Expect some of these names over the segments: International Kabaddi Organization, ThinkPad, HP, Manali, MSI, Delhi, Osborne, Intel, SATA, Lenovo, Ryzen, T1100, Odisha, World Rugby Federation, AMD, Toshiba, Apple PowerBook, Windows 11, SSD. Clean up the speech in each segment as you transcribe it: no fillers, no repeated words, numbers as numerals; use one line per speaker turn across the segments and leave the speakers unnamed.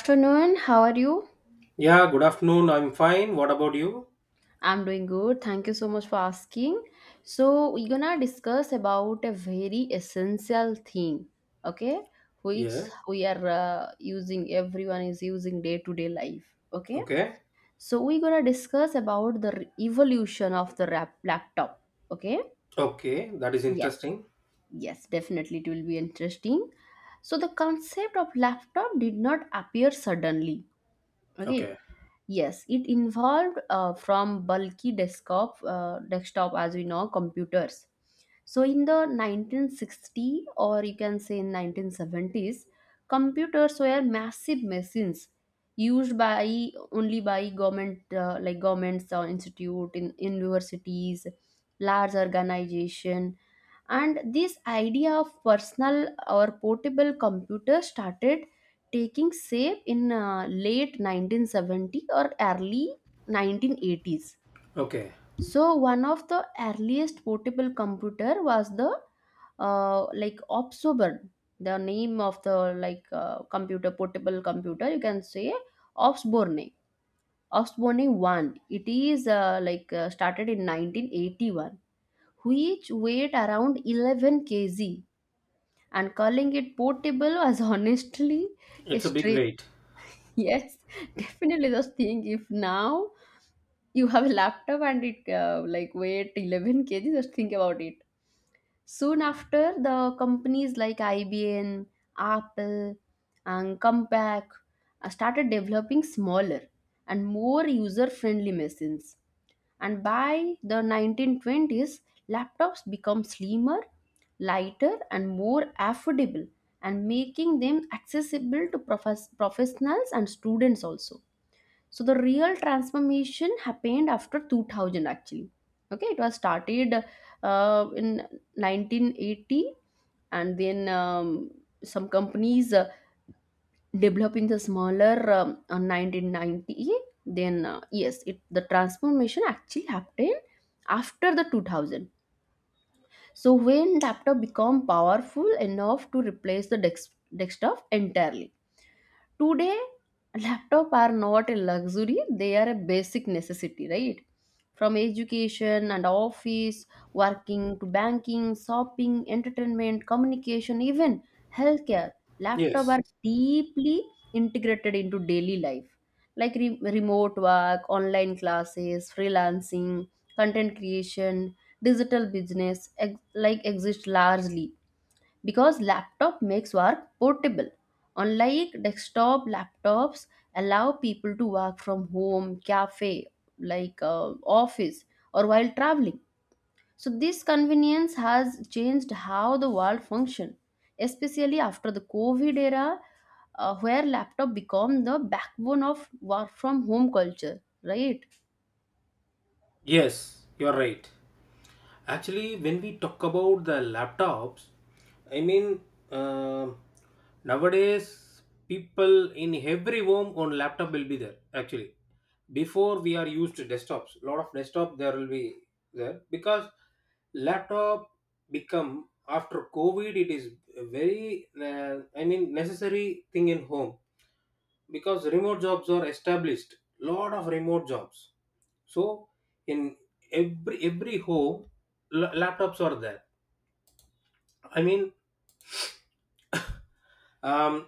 Afternoon, how are you?
Yeah, good afternoon. I'm fine. What about you?
I'm doing good, thank you so much for asking. So we're gonna discuss about a very essential thing, okay, which
Yeah.
we are using, everyone is using day to day life, okay.
Okay.
So we're gonna discuss about the evolution of the laptop, okay.
Okay. That is
Yes,
interesting.
yes, definitely it will be interesting. So the concept of laptop did not appear suddenly, okay.
Okay.
Yes, it involved from bulky desktop, desktop as we know, computers. So in the 1960 or you can say in 1970s, computers were massive machines used by only by government, like governments or institute in universities, large organization, and this idea of personal or portable computer started taking shape in late 1970 or early 1980s.
Okay.
So one of the earliest portable computer was the like Opsoburn, the name of the like computer portable computer, you can say Opsborne. Osborne one. It is like started in 1981, which weighed around 11 kg, and calling it portable was honestly a
It's a big
stretch.
weight.
Yes, definitely. Just think if now you have a laptop and it like weight 11 kg, just think about it. Soon after, the companies like IBM, Apple, and Compaq started developing smaller and more user-friendly machines. And by the 1920s, laptops become slimmer, lighter, and more affordable, and making them accessible to professionals and students also. So the real transformation happened after 2000 actually. Okay, it was started in 1980, and then some companies develop in the smaller 1990. Then yes, it the transformation actually happened after the 2000, so when laptop become powerful enough to replace the desktop entirely. Today, laptop are not a luxury, they are a basic necessity, right? From education and office, working to banking, shopping, entertainment, communication, even healthcare, laptop
Yes.
are deeply integrated into daily life, like remote work, online classes, freelancing, content creation, digital business like exist largely because laptop makes work portable. Unlike desktop, laptops allow people to work from home, cafe, like office, or while traveling. So this convenience has changed how the world function, especially after the covid era, where laptop become the backbone of work from home culture, right?
Yes. You're right. Actually, when we talk about the laptops, I mean, uh, nowadays people in every home on laptop will be there. Actually, before we are used to desktops, lot of desktop there will be there, because laptop become after COVID, it is a very I mean necessary thing in home, because remote jobs are established, lot of remote jobs. So in every home laptops are there. I mean, um,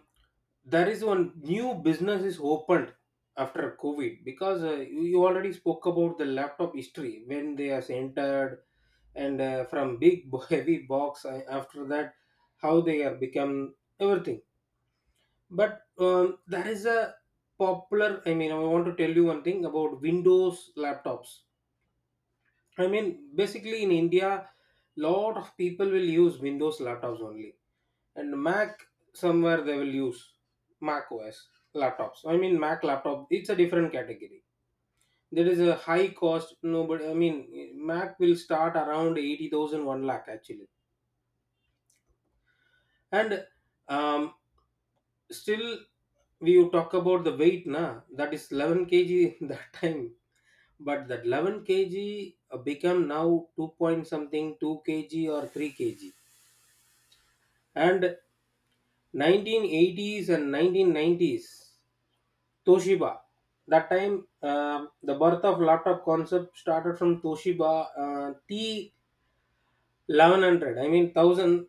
there is one new business is opened after COVID, because you already spoke about the laptop history when they are entered, and from big heavy box, after that how they are become everything. But there is a popular, I mean, I want to tell you one thing about Windows laptops. I mean, basically in India, lot of people will use Windows laptops only, and Mac somewhere they will use Mac OS laptops. I mean, Mac laptop, it's a different category. There is a high cost. Nobody, I mean, Mac will start around eighty thousand one lakh actually. And um, still, we will talk about the weight na, that is 11 kg that time. But that 11 kg, become now 2 point something, 2 kg or 3 kg. And 1980s and 1990s, Toshiba, that time, um the birth of laptop concept started from Toshiba, T 1100, I mean 1000,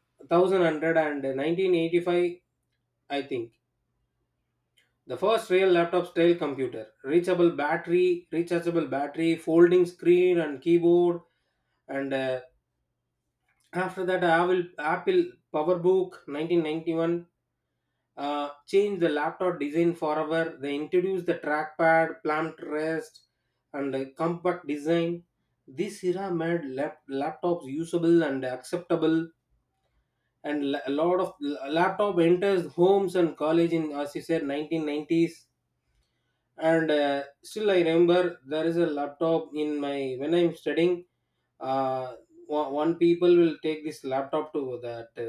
I think. The first real laptop style computer, rechargeable battery, folding screen and keyboard, and after that, Apple PowerBook 1991 changed the laptop design forever. They introduced the trackpad, plant rest, and compact design. This era made laptops usable and acceptable, and a lot of laptop enters homes and college, in, as you said, 1990s. And still I remember, there is a laptop in my when I'm studying. uh, one people will take this laptop to that,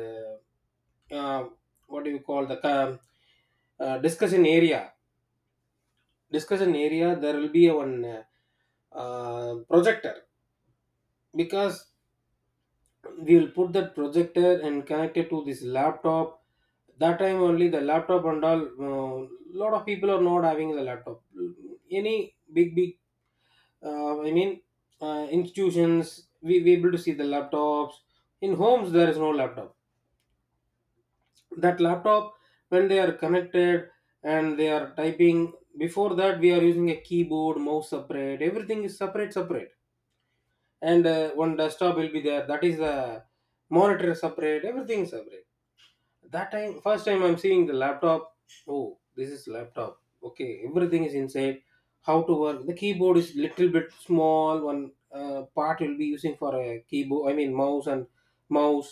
uh, uh, what do you call the discussion area. There will be a one projector, because we will put that projector and connect it to this laptop. That time only the laptop and all, lot of people are not having the laptop. Any big big I mean, institutions, we able to see the laptops. In homes, there is no laptop. That laptop, when they are connected and they are typing, before that we are using a keyboard, mouse separate. Everything is separate, separate. And one desktop will be there. That is the monitor separate. Everything separate. That time first time I'm seeing the laptop. Oh, this is laptop, okay, everything is inside. How to work, the keyboard is little bit small, one part will be using for a keyboard, I mean mouse, and mouse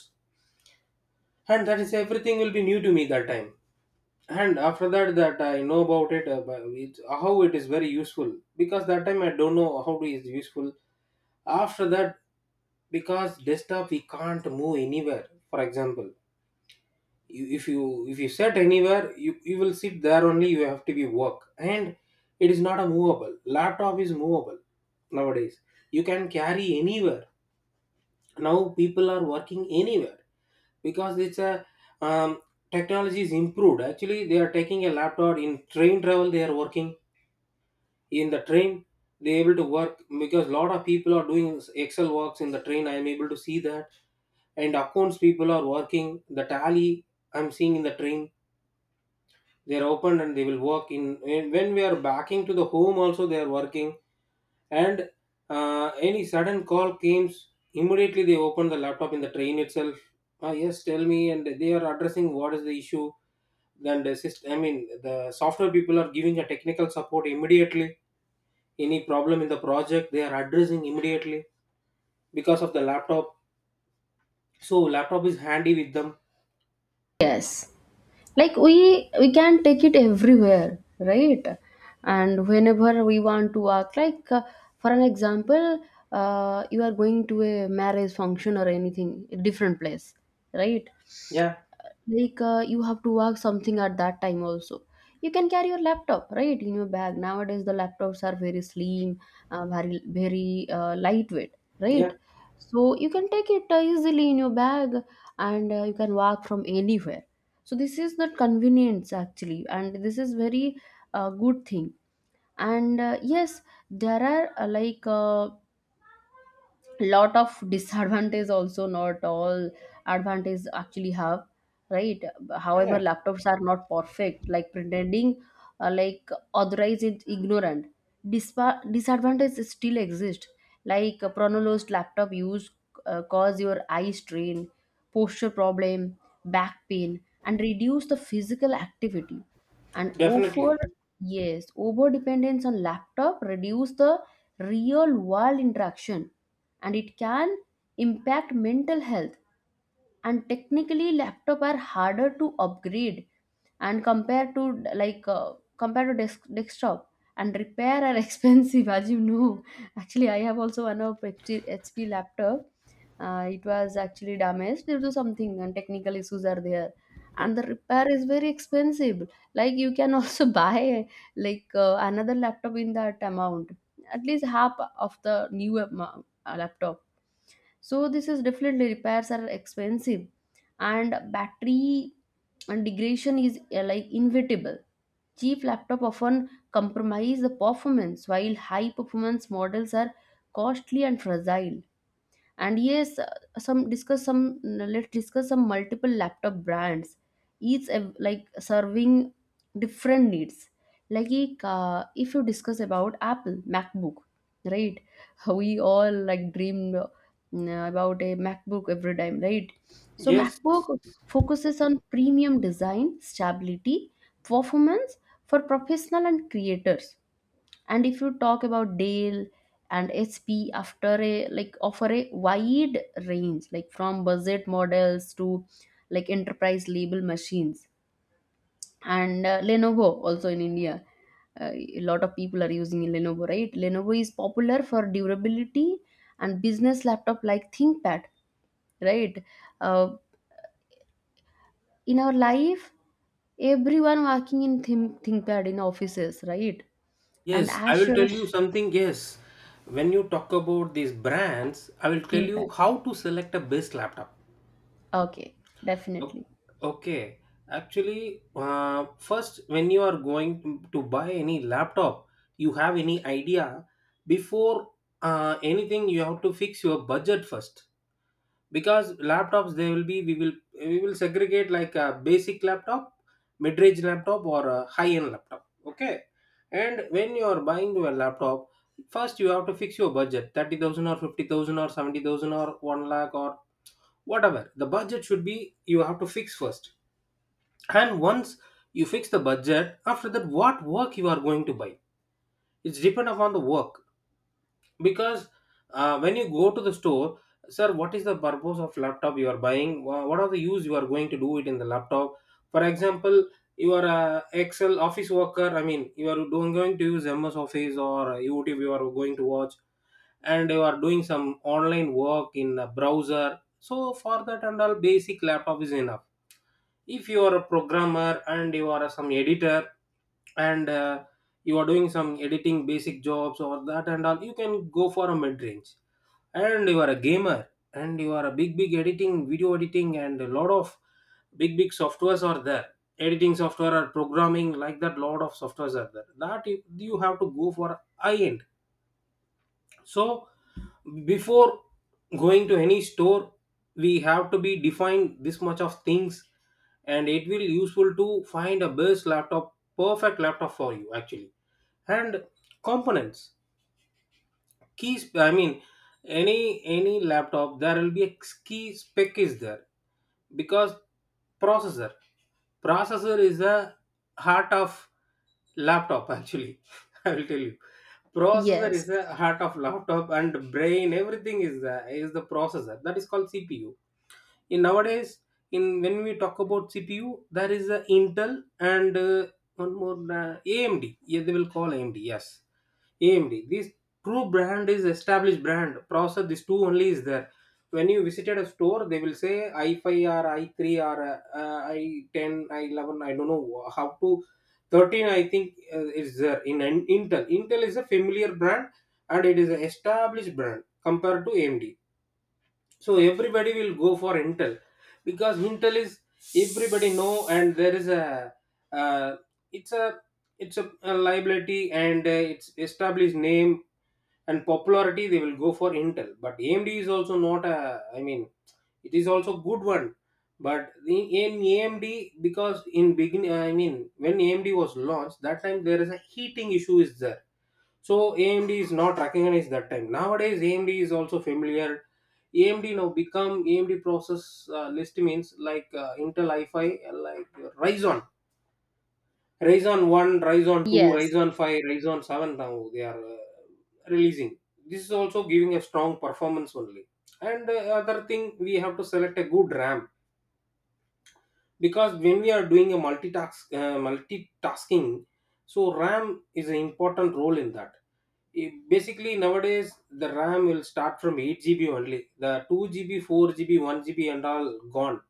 that is everything will be new to me that time. And after that, I know about it. But it's, how it is very useful, because that time I don't know how it is useful. After that, because desktop we can't move anywhere. For example, if you sit anywhere, you will sit there only, you have to be work. And it is not a movable, laptop is movable. Nowadays you can carry anywhere. Now people are working anywhere, because it's a um, technology is improved. Actually they are taking a laptop in train travel, they are working in the train, they able to work. Because a lot of people are doing excel works in the train, I am able to see that. And accounts people are working the tally, I'm seeing in the train. They are open and they will work in, when we are backing to the home also, they are working. And any sudden call came, immediately they open the laptop in the train itself. Ah, yes, tell me. And they are addressing what is the issue. Then the system, I mean the software people, are giving a technical support immediately. Any problem in the project they are addressing immediately, because of the laptop. So laptop is handy with them.
Yes, like we can take it everywhere, right? And whenever we want to act like for an example, you are going to a marriage function or anything, a different place, right?
Yeah,
Like you have to work something at that time also, you can carry your laptop right in your bag. Nowadays the laptops are very slim, very very, lightweight,
yeah,
right? So you can take it easily in your bag, and you can work from anywhere. So this is not convenience actually, and this is very good thing. And yes, there are like lot of disadvantage also, not all advantage actually have, right? However,
yeah,
laptops are not perfect, like pretending like otherwise it's ignorant. Disadvantage still exist, like a pronounced laptop use cause your eye strain, posture problem, back pain, and reduce the physical activity and over
definitely.
yes over dependence on laptop reduce the real world interaction, and it can impact mental health. And technically laptop are harder to upgrade and compared to like compared to desktop, and repair are expensive, as you know. Actually, I have also one of HP laptop. It was actually damaged due to something and technical issues are there, and the repair is very expensive. Like you can also buy like another laptop in that amount, at least half of the new laptop. So this is definitely, repairs are expensive, and battery and degradation is like inevitable. Cheap laptop often compromise the performance while high performance models are costly and fragile. And yes, some discuss some let's discuss some multiple laptop brands, each like serving different needs. Like if you discuss about Apple MacBook, right? We all like dream about a MacBook every time, right? So
Yes.
MacBook focuses on premium design, stability, performance for professional and creators. And if you talk about Dale and HP, after a like offer a wide range like from budget models to like enterprise label machines. And Lenovo also in India, a lot of people are using Lenovo, right? Lenovo is popular for durability and business laptop like ThinkPad, right? Uh, in our life, everyone working in thinkpad in offices, right? And
Yes, I will tell
Asus
you something. Yes, when you talk about these brands, I will tell you
thinkpad.
how to select a best laptop.
Okay,
O-
definitely.
Okay, actually, first, when you are going to buy any laptop, you have any idea, before anything, you have to fix your budget first. Because laptops, they will be we will segregate like a basic laptop, mid-range laptop or a high-end laptop, okay? And when you are buying a laptop, first you have to fix your budget, 30,000 or 50,000 or 70,000 or 1 lakh, or whatever the budget should be, you have to fix first. And once you fix the budget, after that, what work you are going to buy, it's depend upon the work. Because when you go to the store, sir, what is the purpose of laptop you are buying? What are the use you are going to do it in the laptop? For example, you are a excel office worker, I mean you are doing, going to use MS Office or YouTube you are going to watch, and you are doing some online work in a browser, so for that and all, basic laptop is enough. If you are a programmer and you are some editor, and you are doing some editing basic jobs or that and all, you can go for a mid range. And you are a gamer and you are a big big editing, video editing, and a lot of big big softwares are there, editing software or programming like that, lot of softwares are there, that you have to go for high end. So before going to any store, we have to be defined this much of things, and it will useful to find a best laptop, perfect laptop for you actually. And components, I mean, any any laptop there will be a key spec is there. Because processor processor is the heart of laptop actually. I will tell you, processor is the
Yes,
heart of laptop, and brain, everything is the, is the processor. That is called CPU. In nowadays, in when we talk about CPU, there is a Intel, and one more AMD. Yeah, they will call AMD, yes, AMD. This true brand is established brand processor, these two only is there. When you visited a store, they will say i5 or i3, or i10 i11 I 11. I don't know how to, 13, I think, is there in, Intel. Is a familiar brand and it is an established brand compared to AMD. So everybody will go for Intel, because Intel is, everybody know, and there is a uh, it's a it's a liability, and it's established name and popularity, they will go for Intel. But AMD is also not a, I mean, it is also good one. But the in AMD, because in begin, I mean, when AMD was launched, that time there is a heating issue is there. So AMD is not recognized that time, nowadays AMD is also familiar. AMD now become AMD process, list means like Intel i5, like Ryzen, Ryzen 1, Ryzen 2,
yes,
Ryzen 5, Ryzen 7, now they are releasing. This is also giving a strong performance only. And other thing, we have to select a good RAM. Because when we are doing a multitasking, so RAM is an important role in that. Basically nowadays the RAM will start from 8 GB only. The 2 GB, 4 GB, 1 GB and all gone.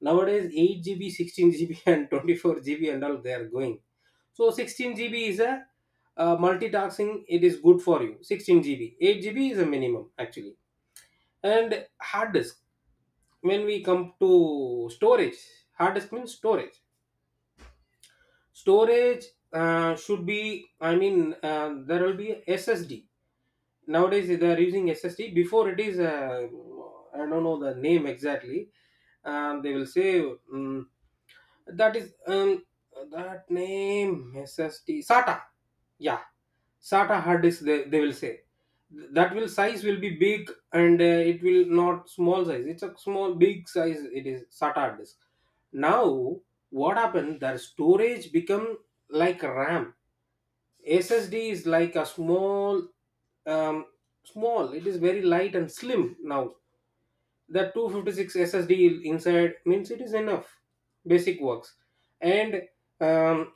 Nowadays 8 GB, 16 GB and 24 GB and all they are going. So 16 GB is a, multitasking, it is good for you. 16 GB, 8 GB is a minimum actually. And hard disk, when we come to storage, hard disk means storage, storage should be, I mean, there will be SSD. Nowadays they are using SSD, before it is, I don't know the name exactly. They will say, mm that is, that name, SST SATA. Yeah, SATA hard disk. They will say that will size will be big, and it will not small size. It's a small big size. It is SATA hard disk. Now what happened? Their storage become like RAM. SSD is like a small, um small. It is very light and slim now. That 256 SSD inside means it is enough basic works. And um,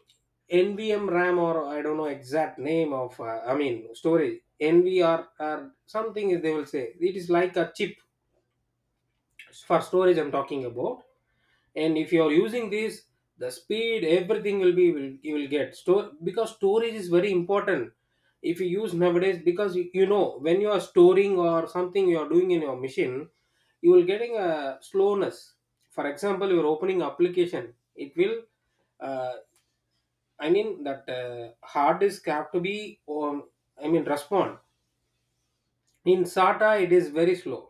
NVM RAM, or I don't know exact name of I mean storage NVR or something is, they will say it is like a chip for storage I'm talking about. And if you are using this, the speed everything will be you will get store, because storage is very important if you use nowadays. Because you know when you are storing or something you are doing in your machine, you will getting a slowness. For example, you are opening application, it will uh, I mean that hard disk have to be I mean respond. In sata it is very slow,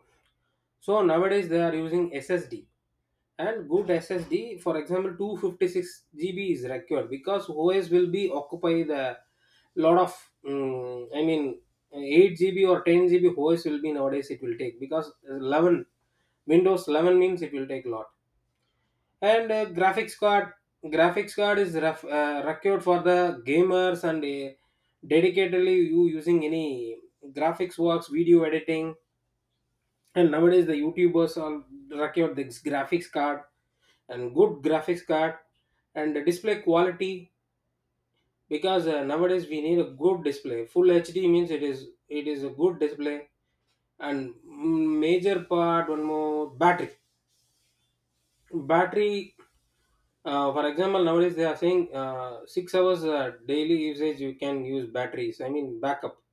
so nowadays they are using ssd. And good SSD, for example, 256 GB is required, because OS will be occupy the lot of, I mean, 8 GB or 10 GB OS will be nowadays, it will take. Because 11 Windows 11 means it will take lot. And graphics card, required for the gamers, and dedicatedly you using any graphics works, video editing. And nowadays the youtubers are rocking out this graphics card, and good graphics card, and the display quality. Because nowadays we need a good display, full hd means it is a good display. And major part one more, battery. Battery, for example, nowadays they are saying 6 hours daily usage you can use batteries, I mean backup.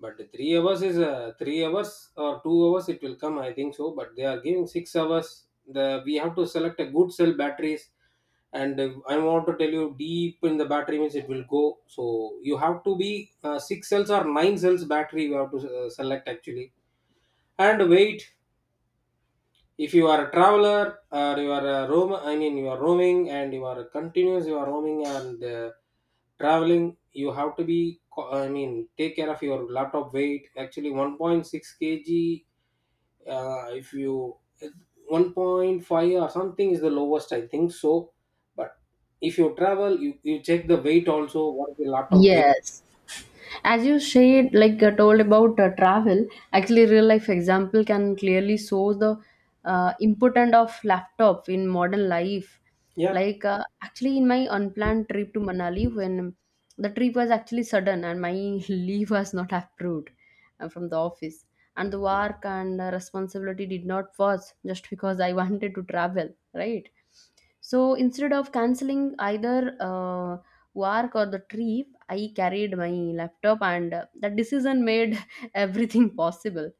But the 3 hours is 3 hours or 2 hours, it will come, I think so. But they are giving 6 hours. The we have to select a good cell batteries. And I want to tell you, deep in the battery means it will go. So you have to be six cells or nine cells battery, you have to select actually. And wait. If you are a traveler, or you are a roam, I mean you are roaming and you are continuous, you are roaming and. Traveling, you have to be I mean take care of your laptop weight actually 1.6 kg. If you 1.5 or something is the lowest, I think so. But if you travel, you check the weight also, what is the laptop weight.
yes. As you said like told about travel, actually real life example can clearly show the importance of laptop in modern life.
Yeah.
Like actually, in my unplanned trip to Manali, when the trip was actually sudden and my leave was not approved from the office, and the work and responsibility did not pause just because I wanted to travel, right? So instead of canceling either work or the trip, I carried my laptop, and that decision made everything possible.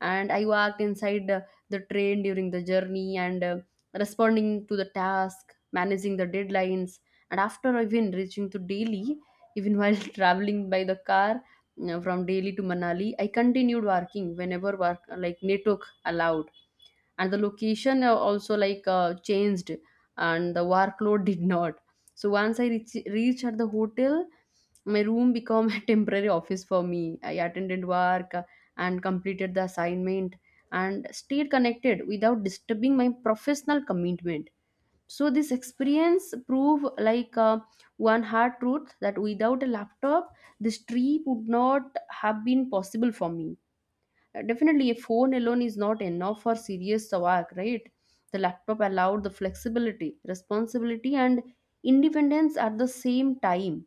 And I walked inside the train during the journey and responding to the task, managing the deadlines, and after even reaching to Delhi, even while traveling by the car from Delhi to Manali, I continued working whenever work like network allowed, and the location also like changed, and the workload did not. So once I reached at the hotel, my room became a temporary office for me. I attended work and completed the assignment and stayed connected without disturbing my professional commitment. So this experience proved like one hard truth that without a laptop, this trip would not have been possible for me. Definitely, a phone alone is not enough for serious work, right? The laptop allowed the flexibility, responsibility, and independence at the same time.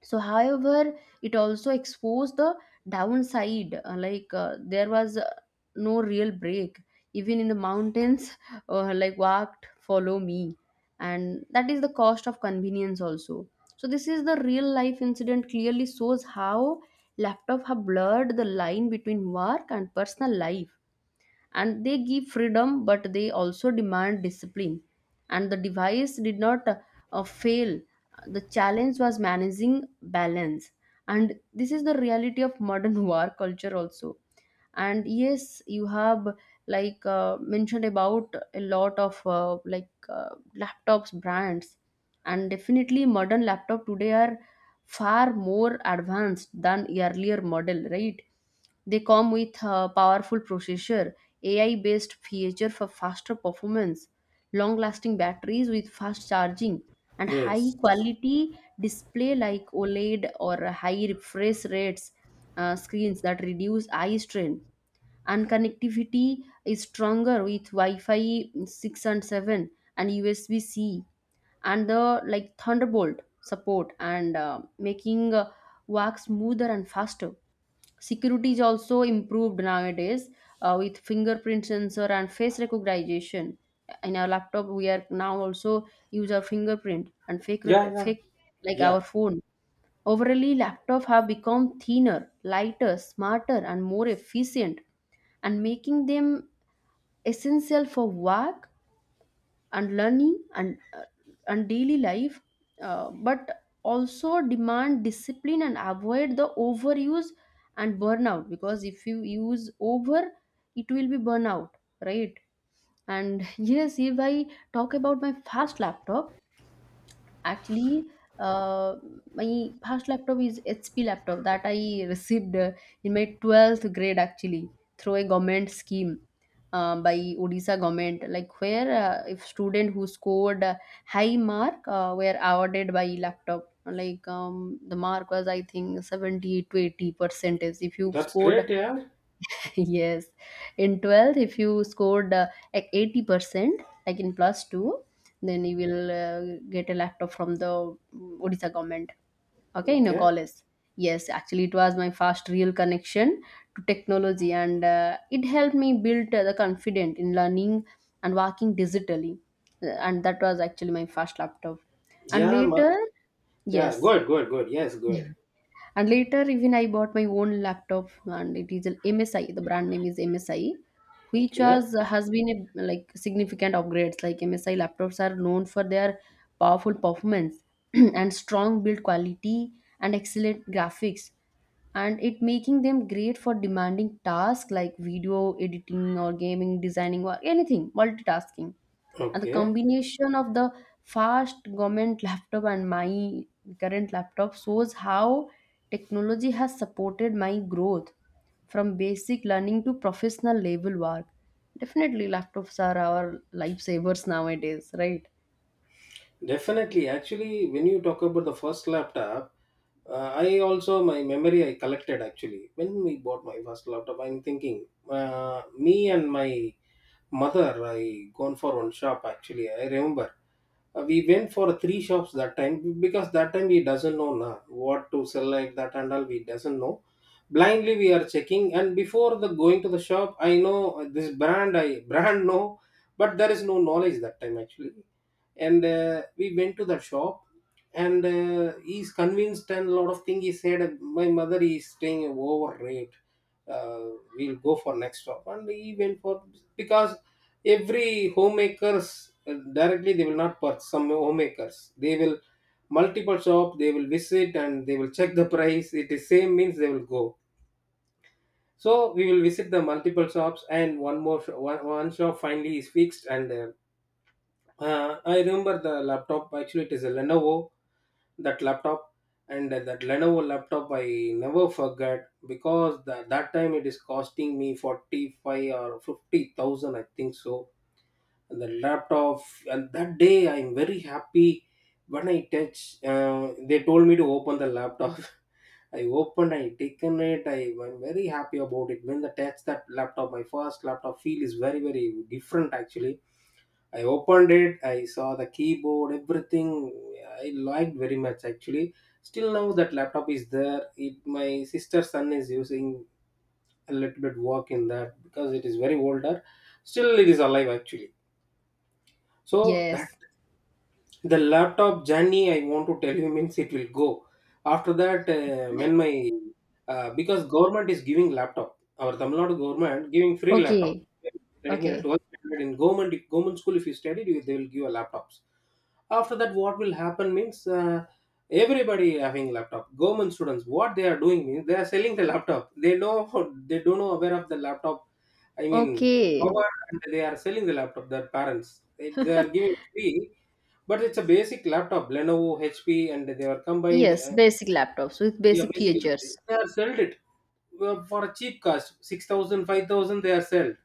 So however, it also exposed the downside, like there was no real break even in the mountains, like walked follow me, and that is the cost of convenience also. So this is the real life incident clearly shows how laptop have blurred the line between work and personal life, and they give freedom but they also demand discipline, and the device did not fail. The challenge was managing balance, and this is the reality of modern war culture also. And yes, you have like mentioned about a lot of like laptops brands, and definitely modern laptop today are far more advanced than earlier model, right? They come with a powerful processor, ai based feature for faster performance, long lasting batteries with fast charging, and high
Yes.
quality display like oled or high refresh rates screens that reduce eye strain, and connectivity is stronger with Wi-Fi 6 and 7, and USB-C and the like Thunderbolt support, and making work smoother and faster. Security is also improved nowadays, with fingerprint sensor and face recognition. In our laptop, we are now also use our fingerprint and
Yeah, yeah,
fake like our
yeah.
phone. Overall, laptops have become thinner, lighter, smarter, and more efficient, and making them essential for work and learning and and daily life. But also demand discipline and avoid the overuse and burnout, because if you use over, it will be burnout, right? And yes, if I talk about my first laptop, actually, uh, my past laptop is HP laptop that I received in my 12th grade actually through a government scheme by Odisha government, like where if student who scored high mark were awarded by laptop, like the mark was I think 70 to 80 percentage if you
That's
scored.
great, yeah.
Yes, in 12th, if you scored like 80%, like in plus 2, then you will get a laptop from the Odisha government, okay, in your
Okay.
college. Yes, actually, it was my first real connection to technology, and it helped me build the confidence in learning and working digitally. And that was actually my first laptop. And
Yeah,
later,
yeah,
yes,
good, good, good, yes, good.
and later, even I bought my own laptop, and it is an MSI. The brand name is MSI, which
Okay.
has been a like significant upgrades. Like MSI laptops are known for their powerful performance and strong build quality and excellent graphics, and it making them great for demanding tasks like video editing or gaming, designing, or anything multitasking. And the
Okay.
combination of the fast government laptop and my current laptop shows how technology has supported my growth from basic learning to professional level work. Definitely laptops are our lifesavers nowadays, right?
Definitely. Actually, when you talk about the first laptop, I also my memory I collected actually when we bought my first laptop. I'm thinking, me and my mother, I gone for one shop actually. I remember. We went for three shops that time, because that time we doesn't know na, what to sell like that, and all we doesn't know, blindly we are checking. And before the going to the shop, I know this brand, I brand know. But there is no knowledge that time actually. And we went to the shop. And he's convinced, and a lot of thing he said, my mother is staying overrate. uh, we'll go for next shop. And he went for, because every homemakers directly they will not purchase. Some homemakers they will multiple shop they will visit, and they will check the price, it is same means they will go. So we will visit the multiple shops. And one shop finally is fixed. And I remember the laptop actually, it is a Lenovo, that laptop. And that Lenovo laptop I never forgot, because that time it is costing me 45 or 50,000 I think so. And the laptop, and that day I'm very happy. When I touch, they told me to open the laptop. I opened, I taken it, I'm very happy about it. When I touch that laptop, my first laptop feel is very very different actually. I opened it, I saw the keyboard, everything. I liked very much actually. Still now that laptop is there, it my sister's son is using a little bit work in that, because it is very older. Still it is alive actually. So that.
Yes.
The laptop journey, I want to tell you, means it will go. After that, when my because government is giving laptop, our Tamil Nadu government giving free laptop.
Okay.
Studying in a
Okay,
12th standard in government school, if you studied, they will give a laptops. After that, what will happen means everybody having laptop. Government students, what they are doing means, they are selling the laptop. They know, they don't know aware of the laptop. I mean,
okay.
power, and they are selling the laptop. Their parents they are giving free. But it's a basic laptop, Lenovo, HP, and they were combined.
Yes, basic laptops with
Yeah,
basic
basically,
features.
they are sold it for a cheap cost, 6,000, 5,000, they are sold.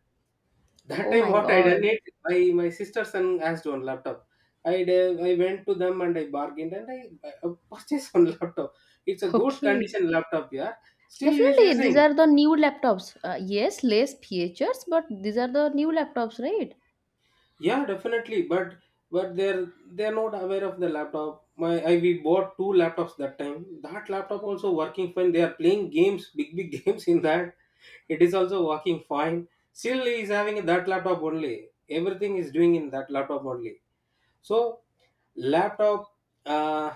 That
Oh
time
my
what I
god.
done it, my sister son asked one laptop. I went to them, and I bargained, and I purchased one laptop. It's a good
Okay.
condition laptop, yeah. Still he's
Definitely, these
using.
are the new laptops. Yes, less features, but these are the new laptops, right?
Yeah, definitely. But they're not aware of the laptop. My I we bought two laptops that time. That laptop also working fine. They are playing games, big big games in that. It is also working fine. Still he is having that laptop only. Everything is doing in that laptop only. So laptop, uh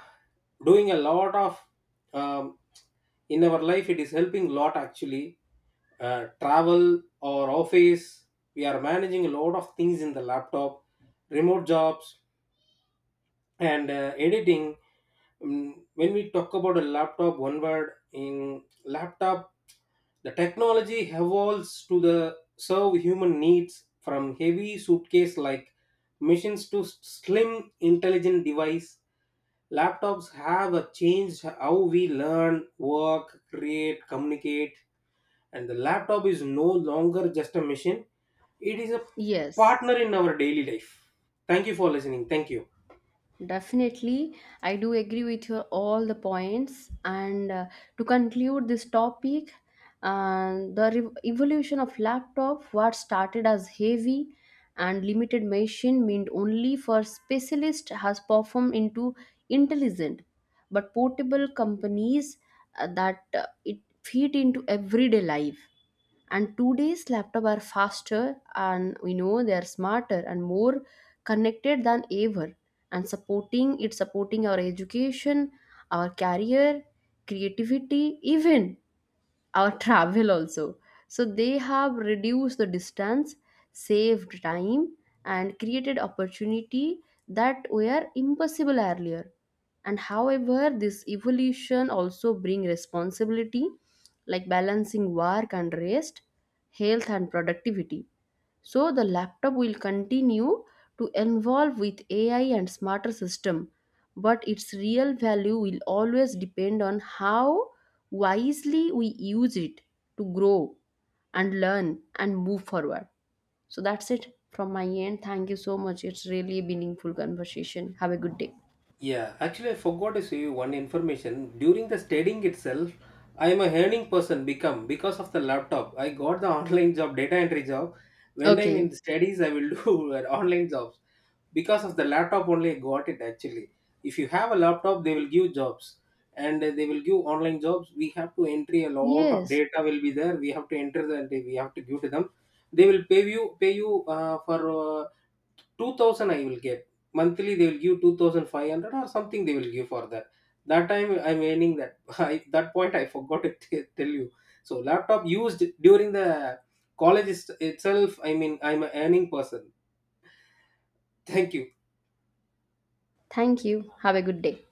doing a lot of um, in our life, it is helping lot actually. Travel or office, we are managing a lot of things in the laptop, remote jobs, and editing. When we talk about a laptop, one word in laptop, the technology evolves to the serve human needs. From heavy suitcase like machines to slim intelligent device, laptops have a changed how we learn, work, create, communicate. And the laptop is no longer just a machine, it is a
Yes,
partner in our daily life. Thank you for listening, thank you.
definitely. I do agree with your all the points. And to conclude this topic, uh, the evolution of laptop, what started as heavy and limited machine meant only for specialists, has performed into intelligent, but portable companies that it fit into everyday life, and today's laptop are faster and we know they are smarter and more connected than ever, and supporting our education, our career, creativity, even our travel also. So they have reduced the distance, saved time, and created opportunity that were impossible earlier. And however, this evolution also bring responsibility, like balancing work and rest, health and productivity. So the laptop will continue to evolve with AI and smarter system but its real value will always depend on how wisely we use it to grow and learn and move forward. So that's it from my end. Thank you so much. It's really a meaningful conversation. Have a good day.
Yeah, actually, I forgot to say you one information. During the studying itself, I am a earning person become because of the laptop. I got the online job, data entry job. When I'm in
Okay.
studies, I will do online jobs because of the laptop only. I got it actually. If you have a laptop, they will give jobs, and they will give online jobs. We have to entry a lot of
Yes.
data will be there. We have to enter the we have to give to them. They will pay you for 2,000 I will get. Monthly they will give 2,500 or something they will give for that. That time I'm earning that. That point I forgot to tell you. So laptop used during the college itself, I mean, I'm a earning person. Thank you.
Thank you. Have a good day.